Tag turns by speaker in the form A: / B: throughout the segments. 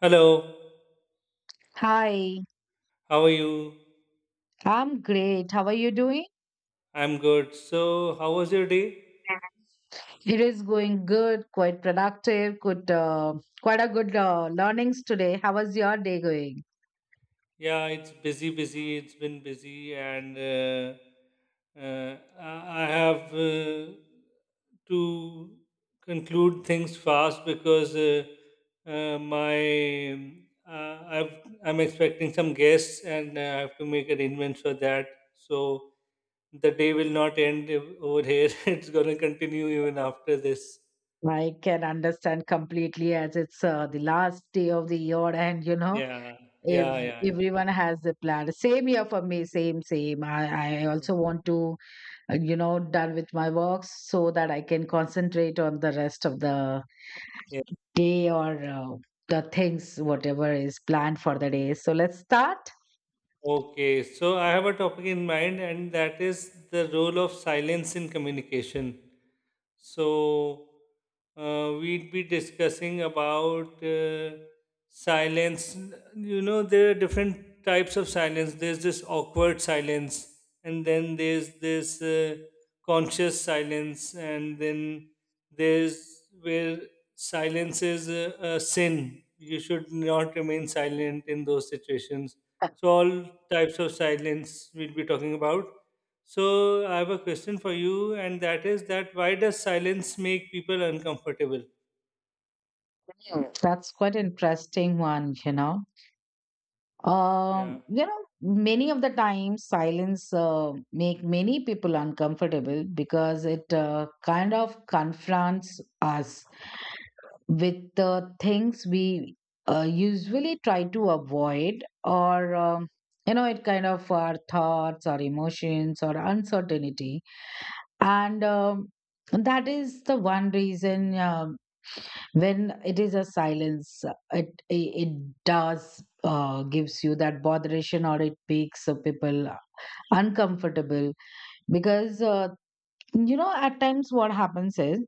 A: Hello,
B: Hi,
A: how are you?
B: I'm great. How are you doing?
A: I'm good. So, how was your day?
B: It is going good, quite productive, good, quite a good learnings today. How was your day going?
A: Yeah, it's busy, busy. It's been busy, and I have to conclude things fast because my uh, I've, I'm expecting some guests, and I have to make arrangements for that. So the day will not over here. It's gonna continue even after this.
B: I can understand completely as it's the last day of the year, and
A: Yeah,
B: if
A: yeah, yeah, yeah.
B: everyone has a plan. Same here for me, same. I also want to, done with my works so that I can concentrate on the rest of the
A: Yeah.
B: day or the things, whatever is planned for the day. So let's start.
A: Okay. So I have a topic in mind, and that is the role of silence in communication. So we'd be discussing about silence. You know, there are different types of silence. There's this awkward silence, and then there's this conscious silence, and then there's where silence is a sin. You should not remain silent in those situations. So all types of silence we'll be talking about. So I have a question for you, and that is that why does silence make people uncomfortable?
B: That's quite interesting one, you know.
A: Yeah.
B: Many of the times silence make many people uncomfortable because it kind of confronts us with the things we usually try to avoid or you know it kind of our thoughts or emotions or uncertainty and that is the one reason. When it is a silence, it does gives you that botheration, or it makes people uncomfortable because you know, at times what happens is,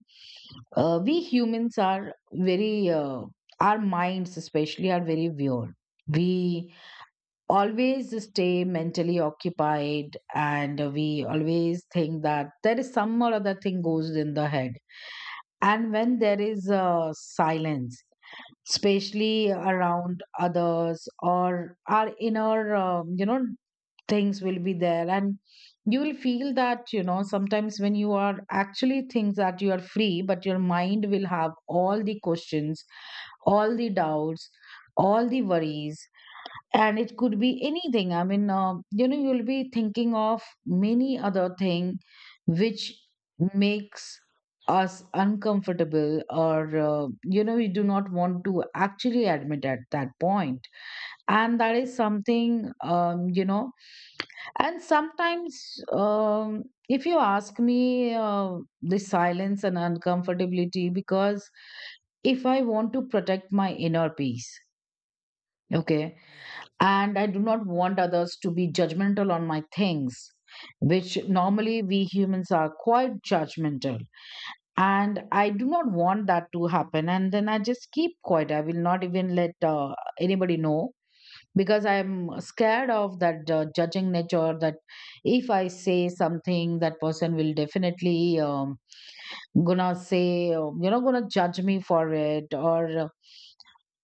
B: we humans are very our minds especially are very weird. We always stay mentally occupied, and we always think that there is some or other thing goes in the head. And when there is silence, especially around others or our inner, things will be there. And you will feel that, you know, sometimes when you are actually things that you are free, but your mind will have all the questions, all the doubts, all the worries, and it could be anything. I mean, you'll be thinking of many other thing which makes us uncomfortable, or we do not want to actually admit at that point. And that is something, um, you know and sometimes, um, if you ask me, the silence and uncomfortability, because if I want to protect my inner peace, okay, and I do not want others to be judgmental on my things, which normally we humans are quite judgmental. And I do not want that to happen. And then I just keep quiet. I will not even let anybody know because I'm scared of that judging nature. That if I say something, that person will definitely gonna say, gonna judge me for it, or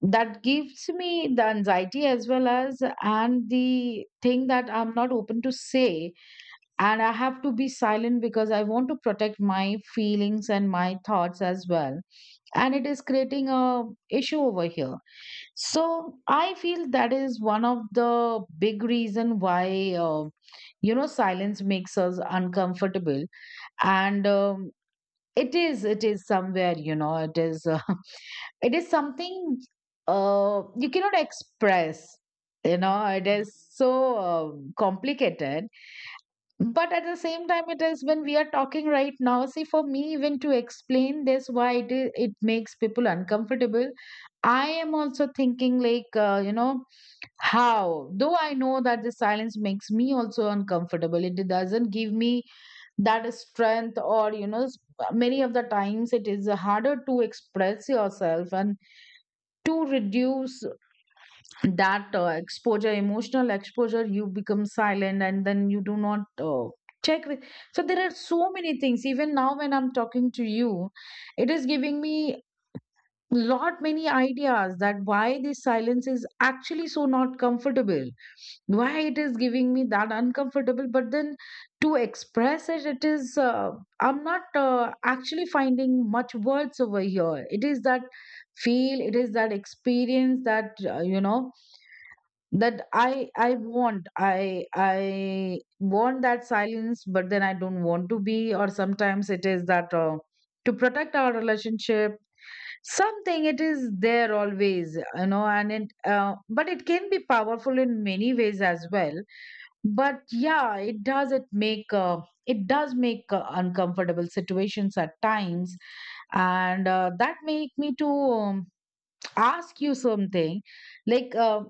B: that gives me the anxiety, as well as, and the thing that I'm not open to say, and I have to be silent because I want to protect my feelings and my thoughts as well. And it is creating a issue over here. So I feel that is one of the big reason why, uh, silence makes us uncomfortable. And it is somewhere, you know, it is it is something, you cannot express, you know, it is so uh, complicated. But at the same time, it is, when we are talking right now, see, for me, even to explain this, why it is, it makes people uncomfortable, I am also thinking like, how, though I know that the silence makes me also uncomfortable, it doesn't give me that strength, or many of the times it is harder to express yourself, and to reduce that exposure emotional exposure, you become silent, and then you do not check with. So there are so many things, even now when I'm talking to you, it is giving me lot many ideas, that why this silence is actually so not comfortable, why it is giving me that uncomfortable. But then to express it, it is I'm not actually finding much words over here. It is that feel, it is that experience, that that I want, I want that silence, but then I don't want to be. Or sometimes it is that to protect our relationship, something it is there always, you know. And it but it can be powerful in many ways as well. But yeah, it does, it make it does make uncomfortable situations at times. And that make me to, ask you something, like,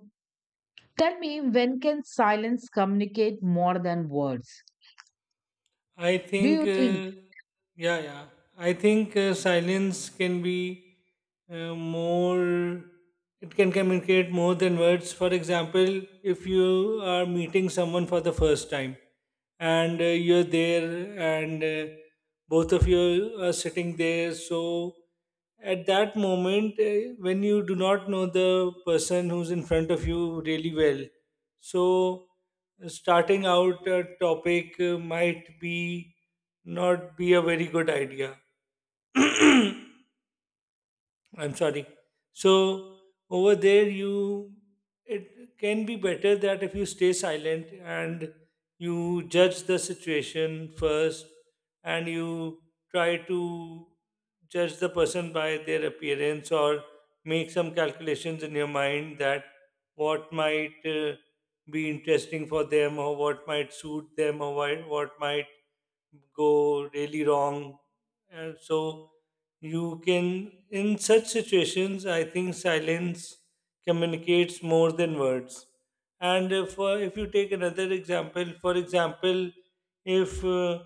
B: tell me, when can silence communicate more than words,
A: I
B: do
A: think,
B: you think?
A: uh, yeah, yeah. I think silence can be uh, more, it can communicate more than words. For example, if you are meeting someone for the first time and you're there, and both of you are sitting there, so at that moment, when you do not know the person who's in front of you really well, so, starting out a topic might be not be a very good idea. I'm sorry. So over there, you it can be better that if you stay silent and you judge the situation first, and you try to judge the person by their appearance or make some calculations in your mind that what might be interesting for them or what might suit them or what might go really wrong. So you can, in such situations, I think silence communicates more than words. And if you take another example, for example, if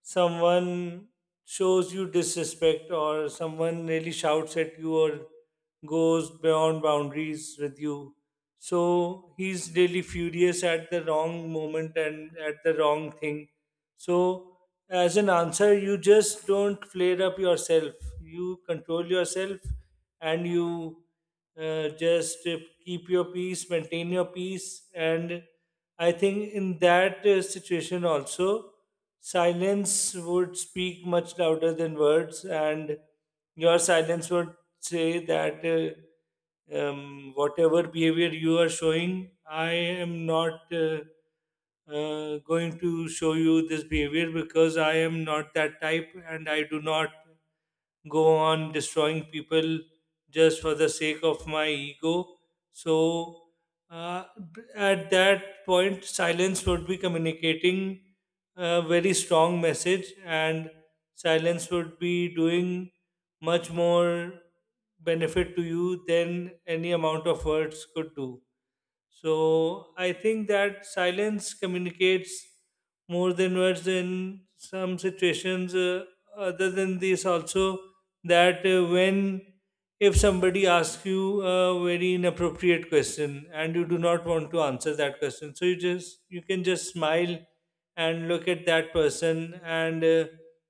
A: someone shows you disrespect or someone really shouts at you or goes beyond boundaries with you, so he's really furious at the wrong moment and at the wrong thing, so, as an answer, you just don't flare up yourself. You control yourself and you just keep your peace, maintain your peace. And I think in that situation also, silence would speak much louder than words, and your silence would say that. Whatever behavior you are showing, I am not going to show you this behavior because I am not that type and I do not go on destroying people just for the sake of my ego. So, uh, at that point, silence would be communicating a very strong message, and silence would be doing much more benefit to you than any amount of words could do. So I think that silence communicates more than words in some situations. Other than this, also that when if somebody asks you a very inappropriate question and you do not want to answer that question, so you can just smile and look at that person and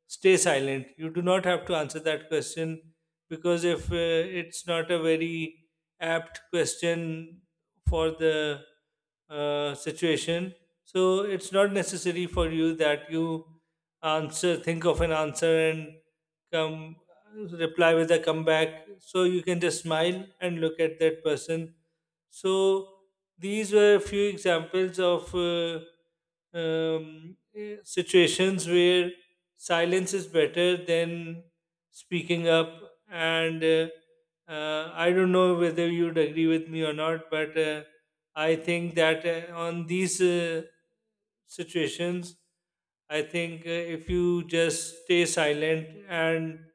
A: stay silent. You do not have to answer that question because if it's not a very apt question for the situation. So it's not necessary for you that you answer, think of an answer, and come reply with a comeback. So you can just smile and look at that person. So these were a few examples of situations where silence is better than speaking up and. I don't know whether you'd agree with me or not, but I think that on these situations, I think if you just stay silent and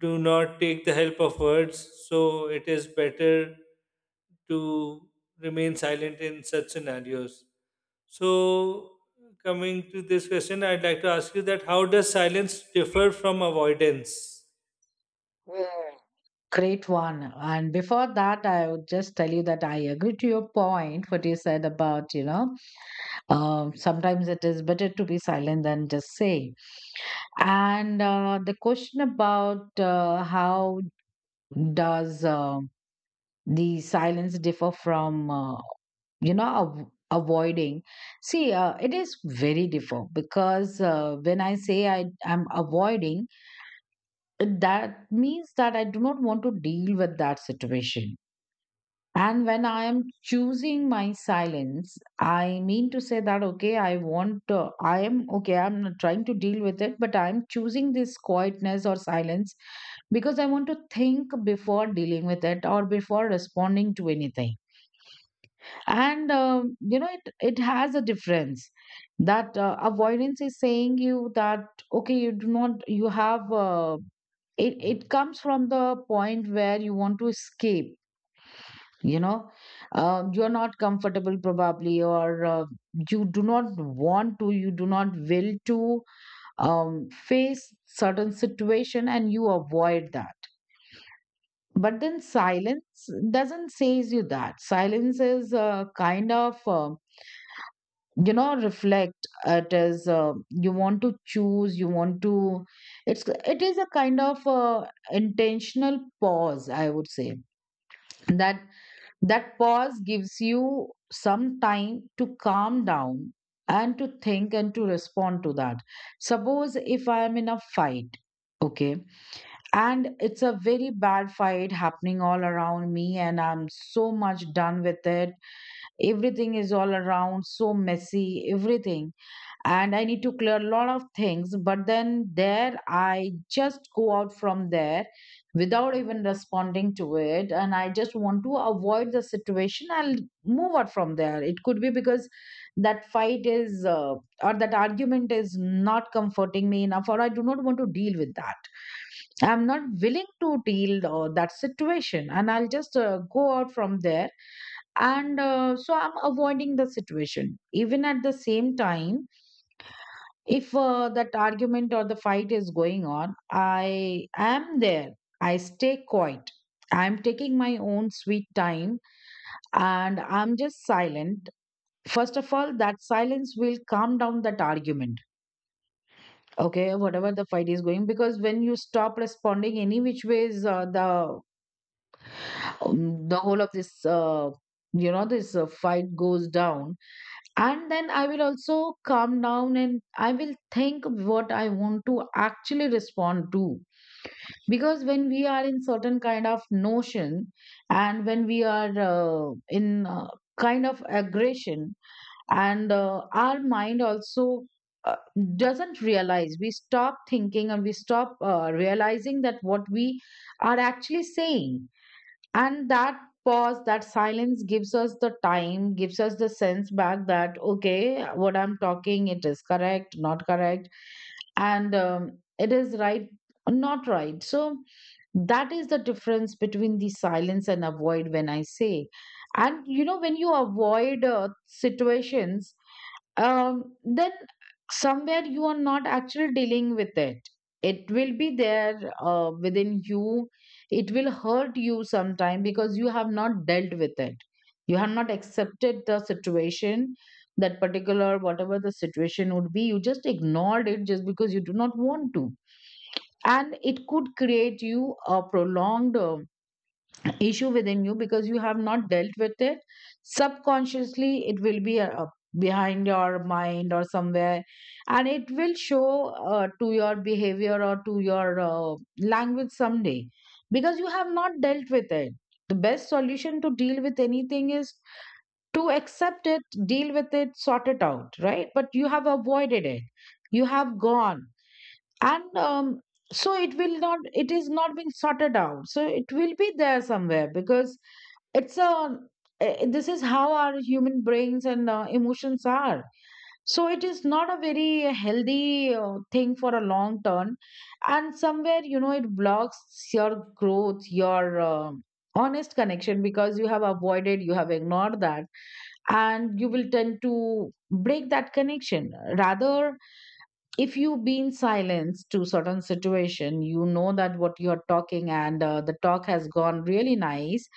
A: do not take the help of words, so it is better to remain silent in such scenarios. So, coming to this question, I'd like to ask you that how does silence differ from avoidance?
B: Hmm. Great one. And before that, I would just tell you that I agree to your point, what you said about, you know, sometimes it is better to be silent than just saying. And the question about how does the silence differ from avoiding, see it is very different, because when I say I am avoiding, that means that I do not want to deal with that situation. And when I am choosing my silence, I mean to say that, okay, I want, I am, okay, I'm not trying to deal with it, but I'm choosing this quietness or silence because I want to think before dealing with it or before responding to anything. And, it, it has a difference, that avoidance is saying you that, okay, you do not, you have, it, it comes from the point where you want to escape, you know, you're not comfortable probably, or you do not want to, you do not will to, face certain situation, and you avoid that. But then silence doesn't says you that. Silence is a kind of reflect, it is you want to choose, you want to, it is a kind of intentional pause, I would say. That That pause gives you some time to calm down and to think and to respond to that. Suppose if I am in a fight, okay, and it's a very bad fight happening all around me, and I'm so much done with it. Everything is all around, so messy, everything, and I need to clear a lot of things. But then there, I just go out from there without even responding to it. And I just want to avoid the situation. I'll move out from there. It could be because that fight is, or that argument is not comforting me enough, or I do not want to deal with that. I'm not willing to deal that situation, and I'll just go out from there. And so I'm avoiding the situation. Even at the same time, if that argument or the fight is going on, I am there. I stay quiet. I'm taking my own sweet time, and I'm just silent. First of all, that silence will calm down that argument. Okay, whatever the fight is going, because when you stop responding any which ways, the whole of this, this fight goes down. And then I will also calm down, and I will think what I want to actually respond to. Because when we are in certain kind of notion, and when we are in kind of aggression, and our mind also uh, doesn't realize, we stop thinking and we stop realizing that what we are actually saying. And that pause, that silence, gives us the time, gives us the sense back, that okay, what I'm talking, it is correct, not correct, and it is right or not right. So that is the difference between the silence and avoid. When I say, and you know, when you avoid situations, then somewhere you are not actually dealing with it. It will be there within you. It will hurt you sometime because you have not dealt with it. You have not accepted the situation, that particular, whatever the situation would be. You just ignored it just because you do not want to. And it could create you a prolonged issue within you because you have not dealt with it. Subconsciously it will be behind your mind or somewhere, and it will show, to your behavior or to your language someday, because you have not dealt with it. The best solution to deal with anything is to accept it, deal with it, sort it out, right? But you have avoided it, you have gone, and so it will not it is not being sorted out, so it will be there somewhere. Because it's um, this is how our human brains and emotions are. So it is not a very healthy thing for a long term, and somewhere you know it blocks your growth, your uh, honest connection, because you have avoided, you have ignored that, and you will tend to break that connection rather. If you be in silence to certain situation, you know that what you are talking and the talk has gone really nice,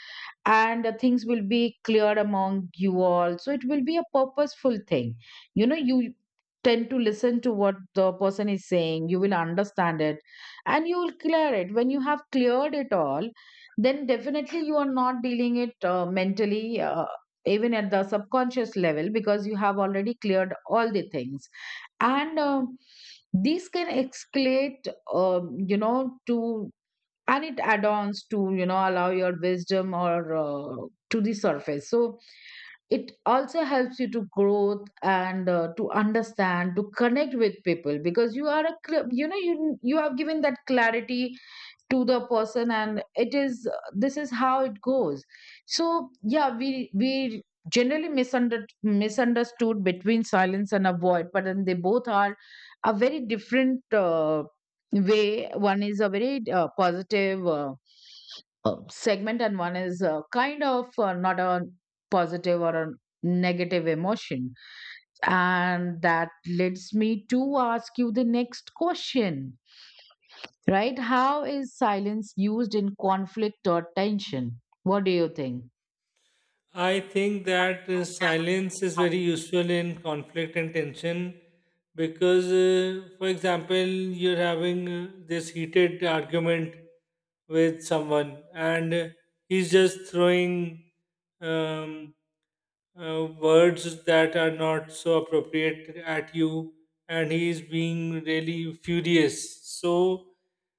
B: and the things will be clear among you all, so it will be a purposeful thing. You know, you tend to listen to what the person is saying, you will understand it, and you will clear it. When you have cleared it all, then definitely you are not dealing it mentally, even at the subconscious level, because you have already cleared all the things. And These can escalate, you know, to, and it add-ons to, you know, allow your wisdom or to the surface. So it also helps you to growth and to understand, to connect with people, because you are a you know, you have given that clarity to the person, and it is, this is how it goes. So yeah, we generally misunderstood between silence and avoid, but then they both are a very different way. One is a very positive segment, and one is kind of not a positive or a negative emotion. And that leads me to ask you the next question. Right? How is silence used in conflict or tension? What do you think?
A: I think that silence is very useful in conflict and tension because, for example, you're having this heated argument with someone, and he's just throwing um, words that are not so appropriate at you, and he is being really furious, so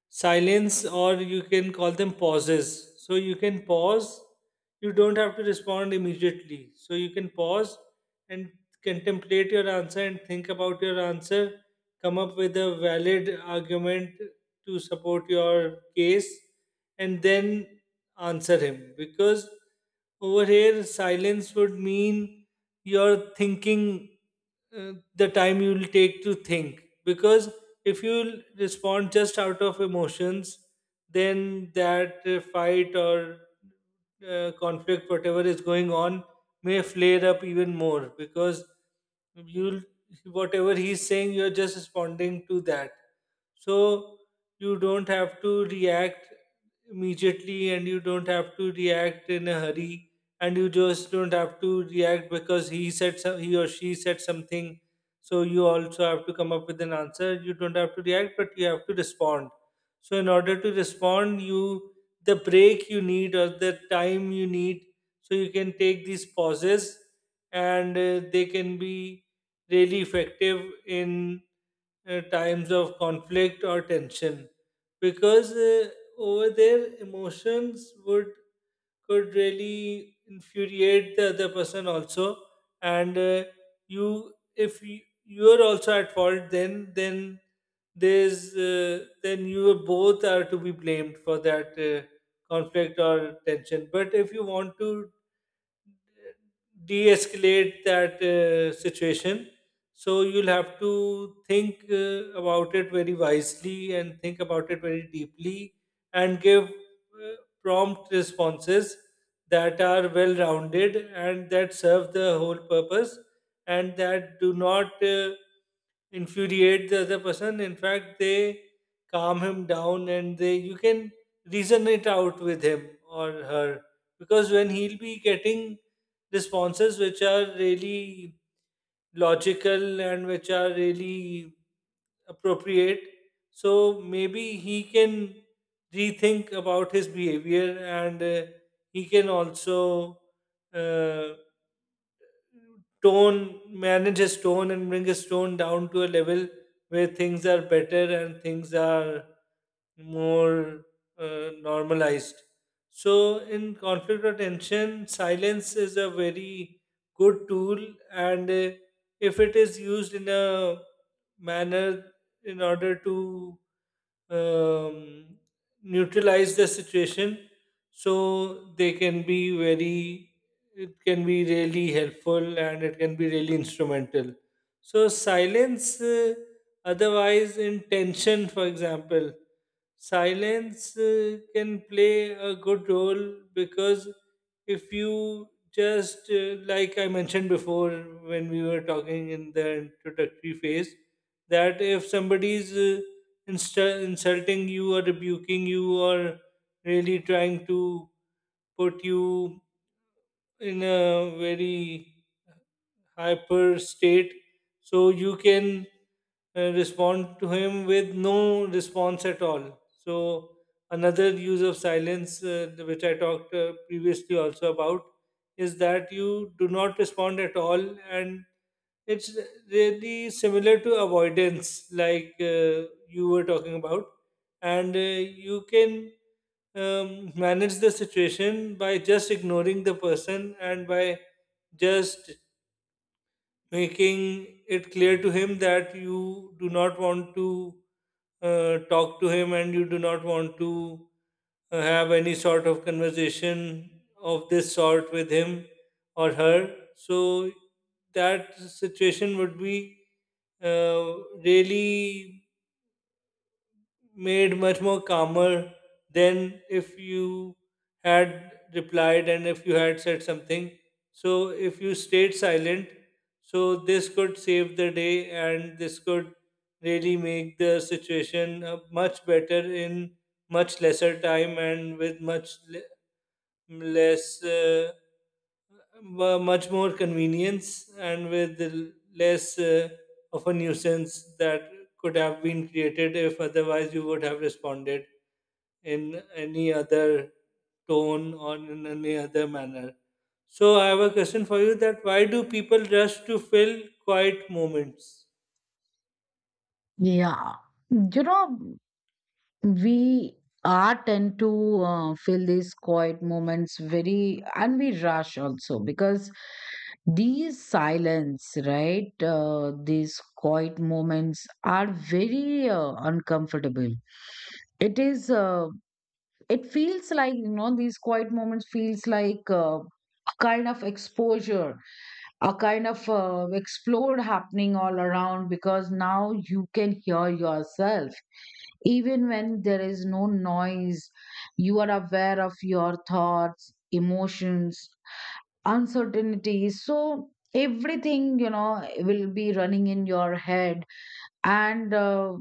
A: silence, or you can call them pauses, so you can pause, you don't have to respond immediately, so you can pause and contemplate your answer and think about your answer, come up with a valid argument to support your case, and then answer him, because over here silence would mean you're thinking, the time you will take to think, because if you respond just out of emotions, then that fight or conflict, whatever is going on, may flare up even more, because you'll, whatever he's saying you're just responding to that. So you don't have to react immediately, and you don't have to react in a hurry, and you just don't have to react because he said so, he or she said something, so you also have to come up with an answer. You don't have to react, but you have to respond. So in order to respond you, the break you need or the time you need, so you can take these pauses, and they can be really effective in times of conflict or tension, because over there emotions would could really infuriate the other person also. And you if you, you are also at fault, then there's then you both are to be blamed for that conflict or tension. But if you want to de-escalate that situation, so you'll have to think about it very wisely and think about it very deeply, and give prompt responses that are well rounded and that serve the whole purpose, and that do not infuriate the other person. In fact they calm him down, and they you can reason it out with him or her, because when he'll be getting responses which are really logical and which are really appropriate. So maybe he can rethink about his behavior, and he can also uh, manage his tone and bring his tone down to a level where things are better and things are more normalized. So, in conflict or tension, silence is a very good tool, and if it is used in a manner in order to um, neutralize the situation, so they can be very, it can be really helpful and it can be really instrumental. So silence otherwise in tension, for example, silence can play a good role, because if you just like I mentioned before when we were talking in the introductory phase, that if somebody's insulting you or rebuking you or really trying to put you in a very hyper state. So you can respond to him with no response at all. So another use of silence, which I talked previously also about, is that you do not respond at all, and it's really similar to avoidance, like you were talking about, and you can manage the situation by just ignoring the person and by just making it clear to him that you do not want to talk to him, and you do not want to have any sort of conversation of this sort with him or her. So that situation would be uh, really made much more calmer than if you had replied and if you had said something. So, if you stayed silent, so this could save the day, and this could really make the situation much better in much lesser time and with less, much more convenience and with less of a nuisance that could have been created if otherwise you would have responded in any other tone or in any other manner. So I have a question for you that why do people rush to fill quiet moments?
B: Yeah. You know, we are tend to feel these quiet moments very, and we rush also because these silence, right? These quiet moments are very uncomfortable. It is uh, it feels like, you know, these quiet moments feels like a kind of exposure, a kind of explode happening all around, because now you can hear yourself even when there is no noise. You are aware of your thoughts, emotions, uncertainties, so everything, you know, will be running in your head. And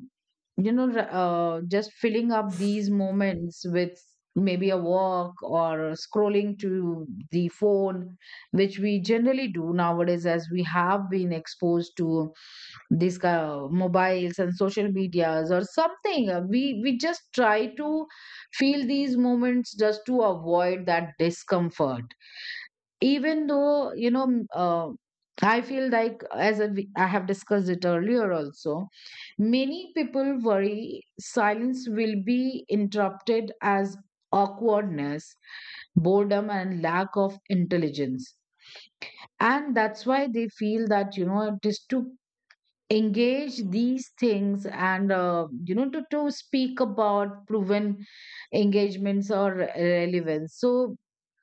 B: you know r- just filling up these moments with maybe a walk or scrolling to the phone, which we generally do nowadays as we have been exposed to these mobiles and social medias or something. We just try to feel these moments just to avoid that discomfort. Even though, you know, I feel like, as a, I have discussed it earlier also, many people worry silence will be interrupted as awkwardness, boredom, and lack of intelligence. And that's why they feel that, you know, it is to engage these things, and you know, to speak about proven engagements or relevance. So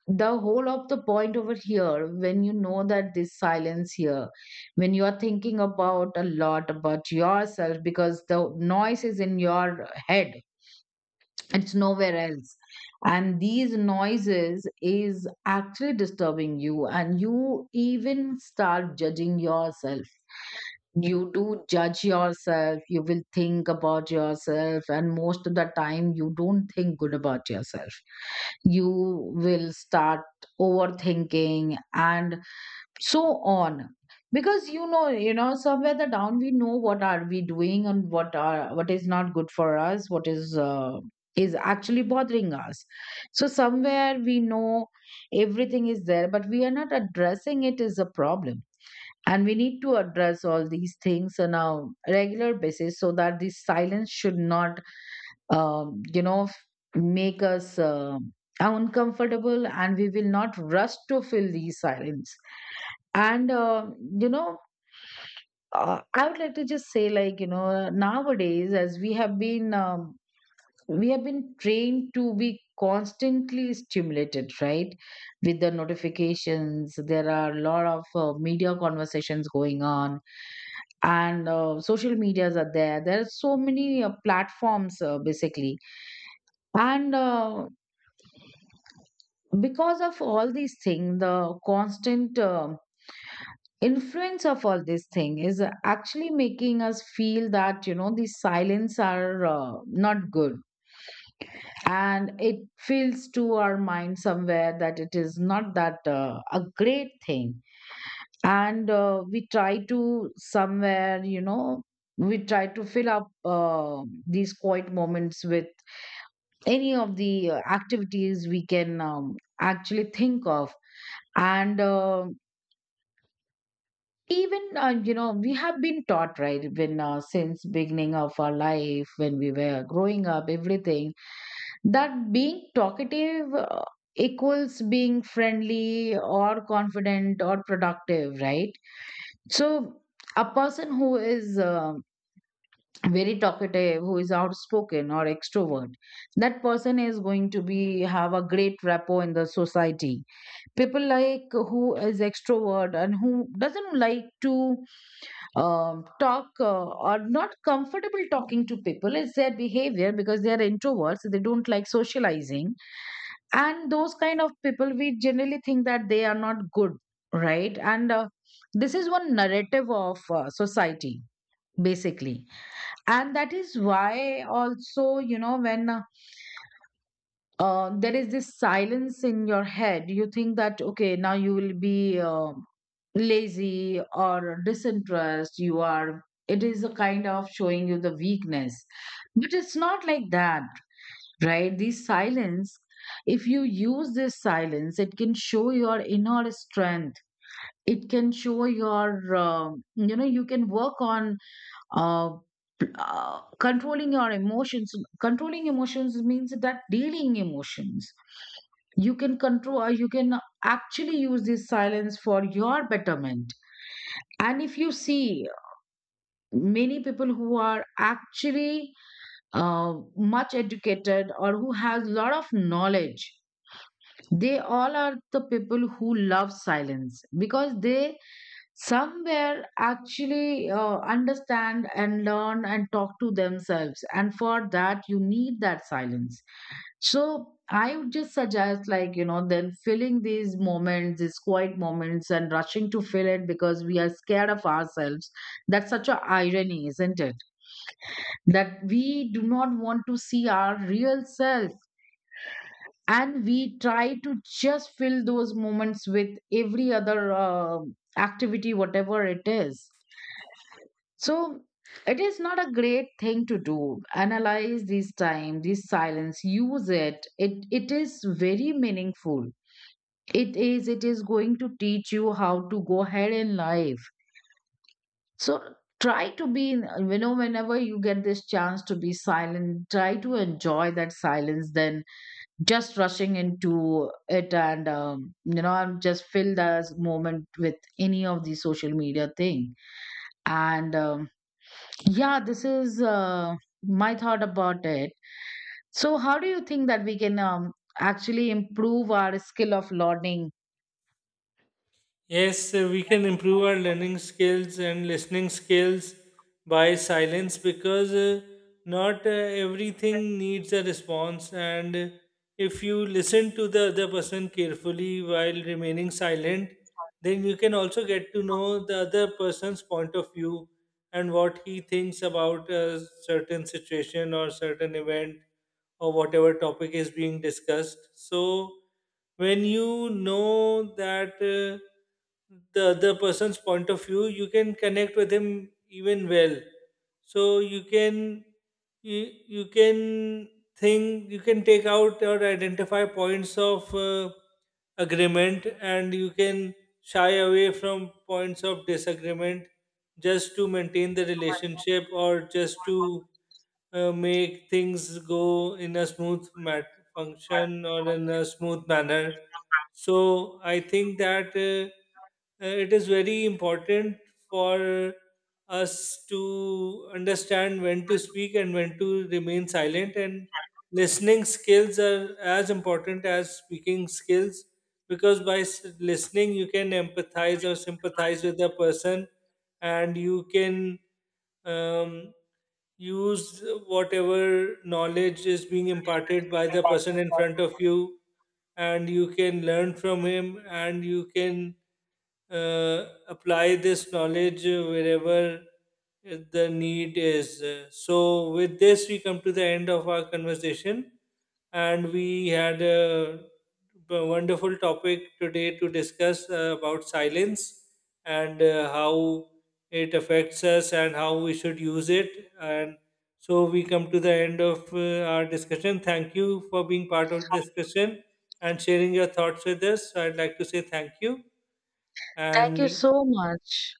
B: the whole of the point over here, when you know that this silence here, when you are thinking about a lot about yourself, because the noise is in your head, it's nowhere else. And these noises is actually disturbing you, and you even start judging yourself. You do judge yourself, you will think about yourself, and most of the time you don't think good about yourself. You will start overthinking, and so on, because you know, you know somewhere the down, we know what are we doing, and what are, what is not good for us, what is actually bothering us. So somewhere we know everything is there, but we are not addressing it as a problem. And we need to address all these things on a regular basis, so that this silence should not, um, you know f- make us uncomfortable, and we will not rush to fill these silence. And You know, I would like to just say, like, you know, nowadays as we have been trained to be constantly stimulated, right, with the notifications. There are a lot of media conversations going on, and social medias are there, there are so many platforms, basically. And because of all these things, the constant influence of all this thing is actually making us feel that, you know, these silence are not good. And it feels to our mind somewhere that it is not that a great thing. And we try to, somewhere, you know, we try to fill up these quiet moments with any of the activities we can actually think of. And even, you know, we have been taught, right, when, since beginning of our life, when we were growing up, everything, that being talkative equals being friendly or confident or productive, right? So a person who is very talkative, who is outspoken or extrovert, that person is going to be have a great rapport in the society. People like who is extrovert, and who doesn't like to talk, or not comfortable talking to people is their behavior because they are introverts. So they don't like socializing, and those kind of people we generally think that they are not good, right? And this is one narrative of society, basically. And that is why also, you know, when there is this silence in your head, you think that okay, now you will be lazy or disinterest, you are, it is a kind of showing you the weakness. But it's not like that, right? These silence, if you use this silence, it can show your inner strength. It can show your you know, you can work on uh, controlling your emotions. Controlling emotions means that dealing emotions, you can control, you can actually use this silence for your betterment. And if you see many people who are actually much educated, or who has a lot of knowledge, they all are the people who love silence, because they somewhere actually understand and learn and talk to themselves, and for that you need that silence. So I would just suggest, like, you know, then filling these moments, these quiet moments, and rushing to fill it, because we are scared of ourselves. That's such a irony, isn't it, that we do not want to see our real self, and we try to just fill those moments with every other activity, whatever it is. So it is not a great thing to do. Analyze this time, this silence, use it. It is very meaningful. It is going to teach you how to go ahead in life. So try to be you know, whenever you get this chance to be silent, try to enjoy that silence than just rushing into it, and you know, and just fill the moment with any of the social media thing. And yeah, this is my thought about it. So how do you think that we can actually improve our skill of learning?
A: Yes, we can improve our learning skills and listening skills by silence, because not everything needs a response. And if you listen to the other person carefully while remaining silent, then you can also get to know the other person's point of view, and what he thinks about a certain situation or certain event or whatever topic is being discussed. So when you know that the other person's point of view, you can connect with him even well. So you, you can think, you can take out or identify points of agreement, and you can shy away from points of disagreement, just to maintain the relationship or just to make things go in a function or in a smooth manner. So I think that it is very important for us to understand when to speak and when to remain silent, and listening skills are as important as speaking skills, because by listening you can empathize or sympathize with the person, and you can um, use whatever knowledge is being imparted by the person in front of you, and you can learn from him and you can apply this knowledge wherever the need is. So, with this, we come to the end of our conversation, and we had a wonderful topic today to discuss about silence, and how it affects us and how we should use it. And so we come to the end of our discussion. Thank you for being part of the discussion and sharing your thoughts with us. I'd like to say thank you.
B: Thank you
A: And
B: so much.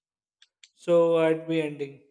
A: so I'd be ending.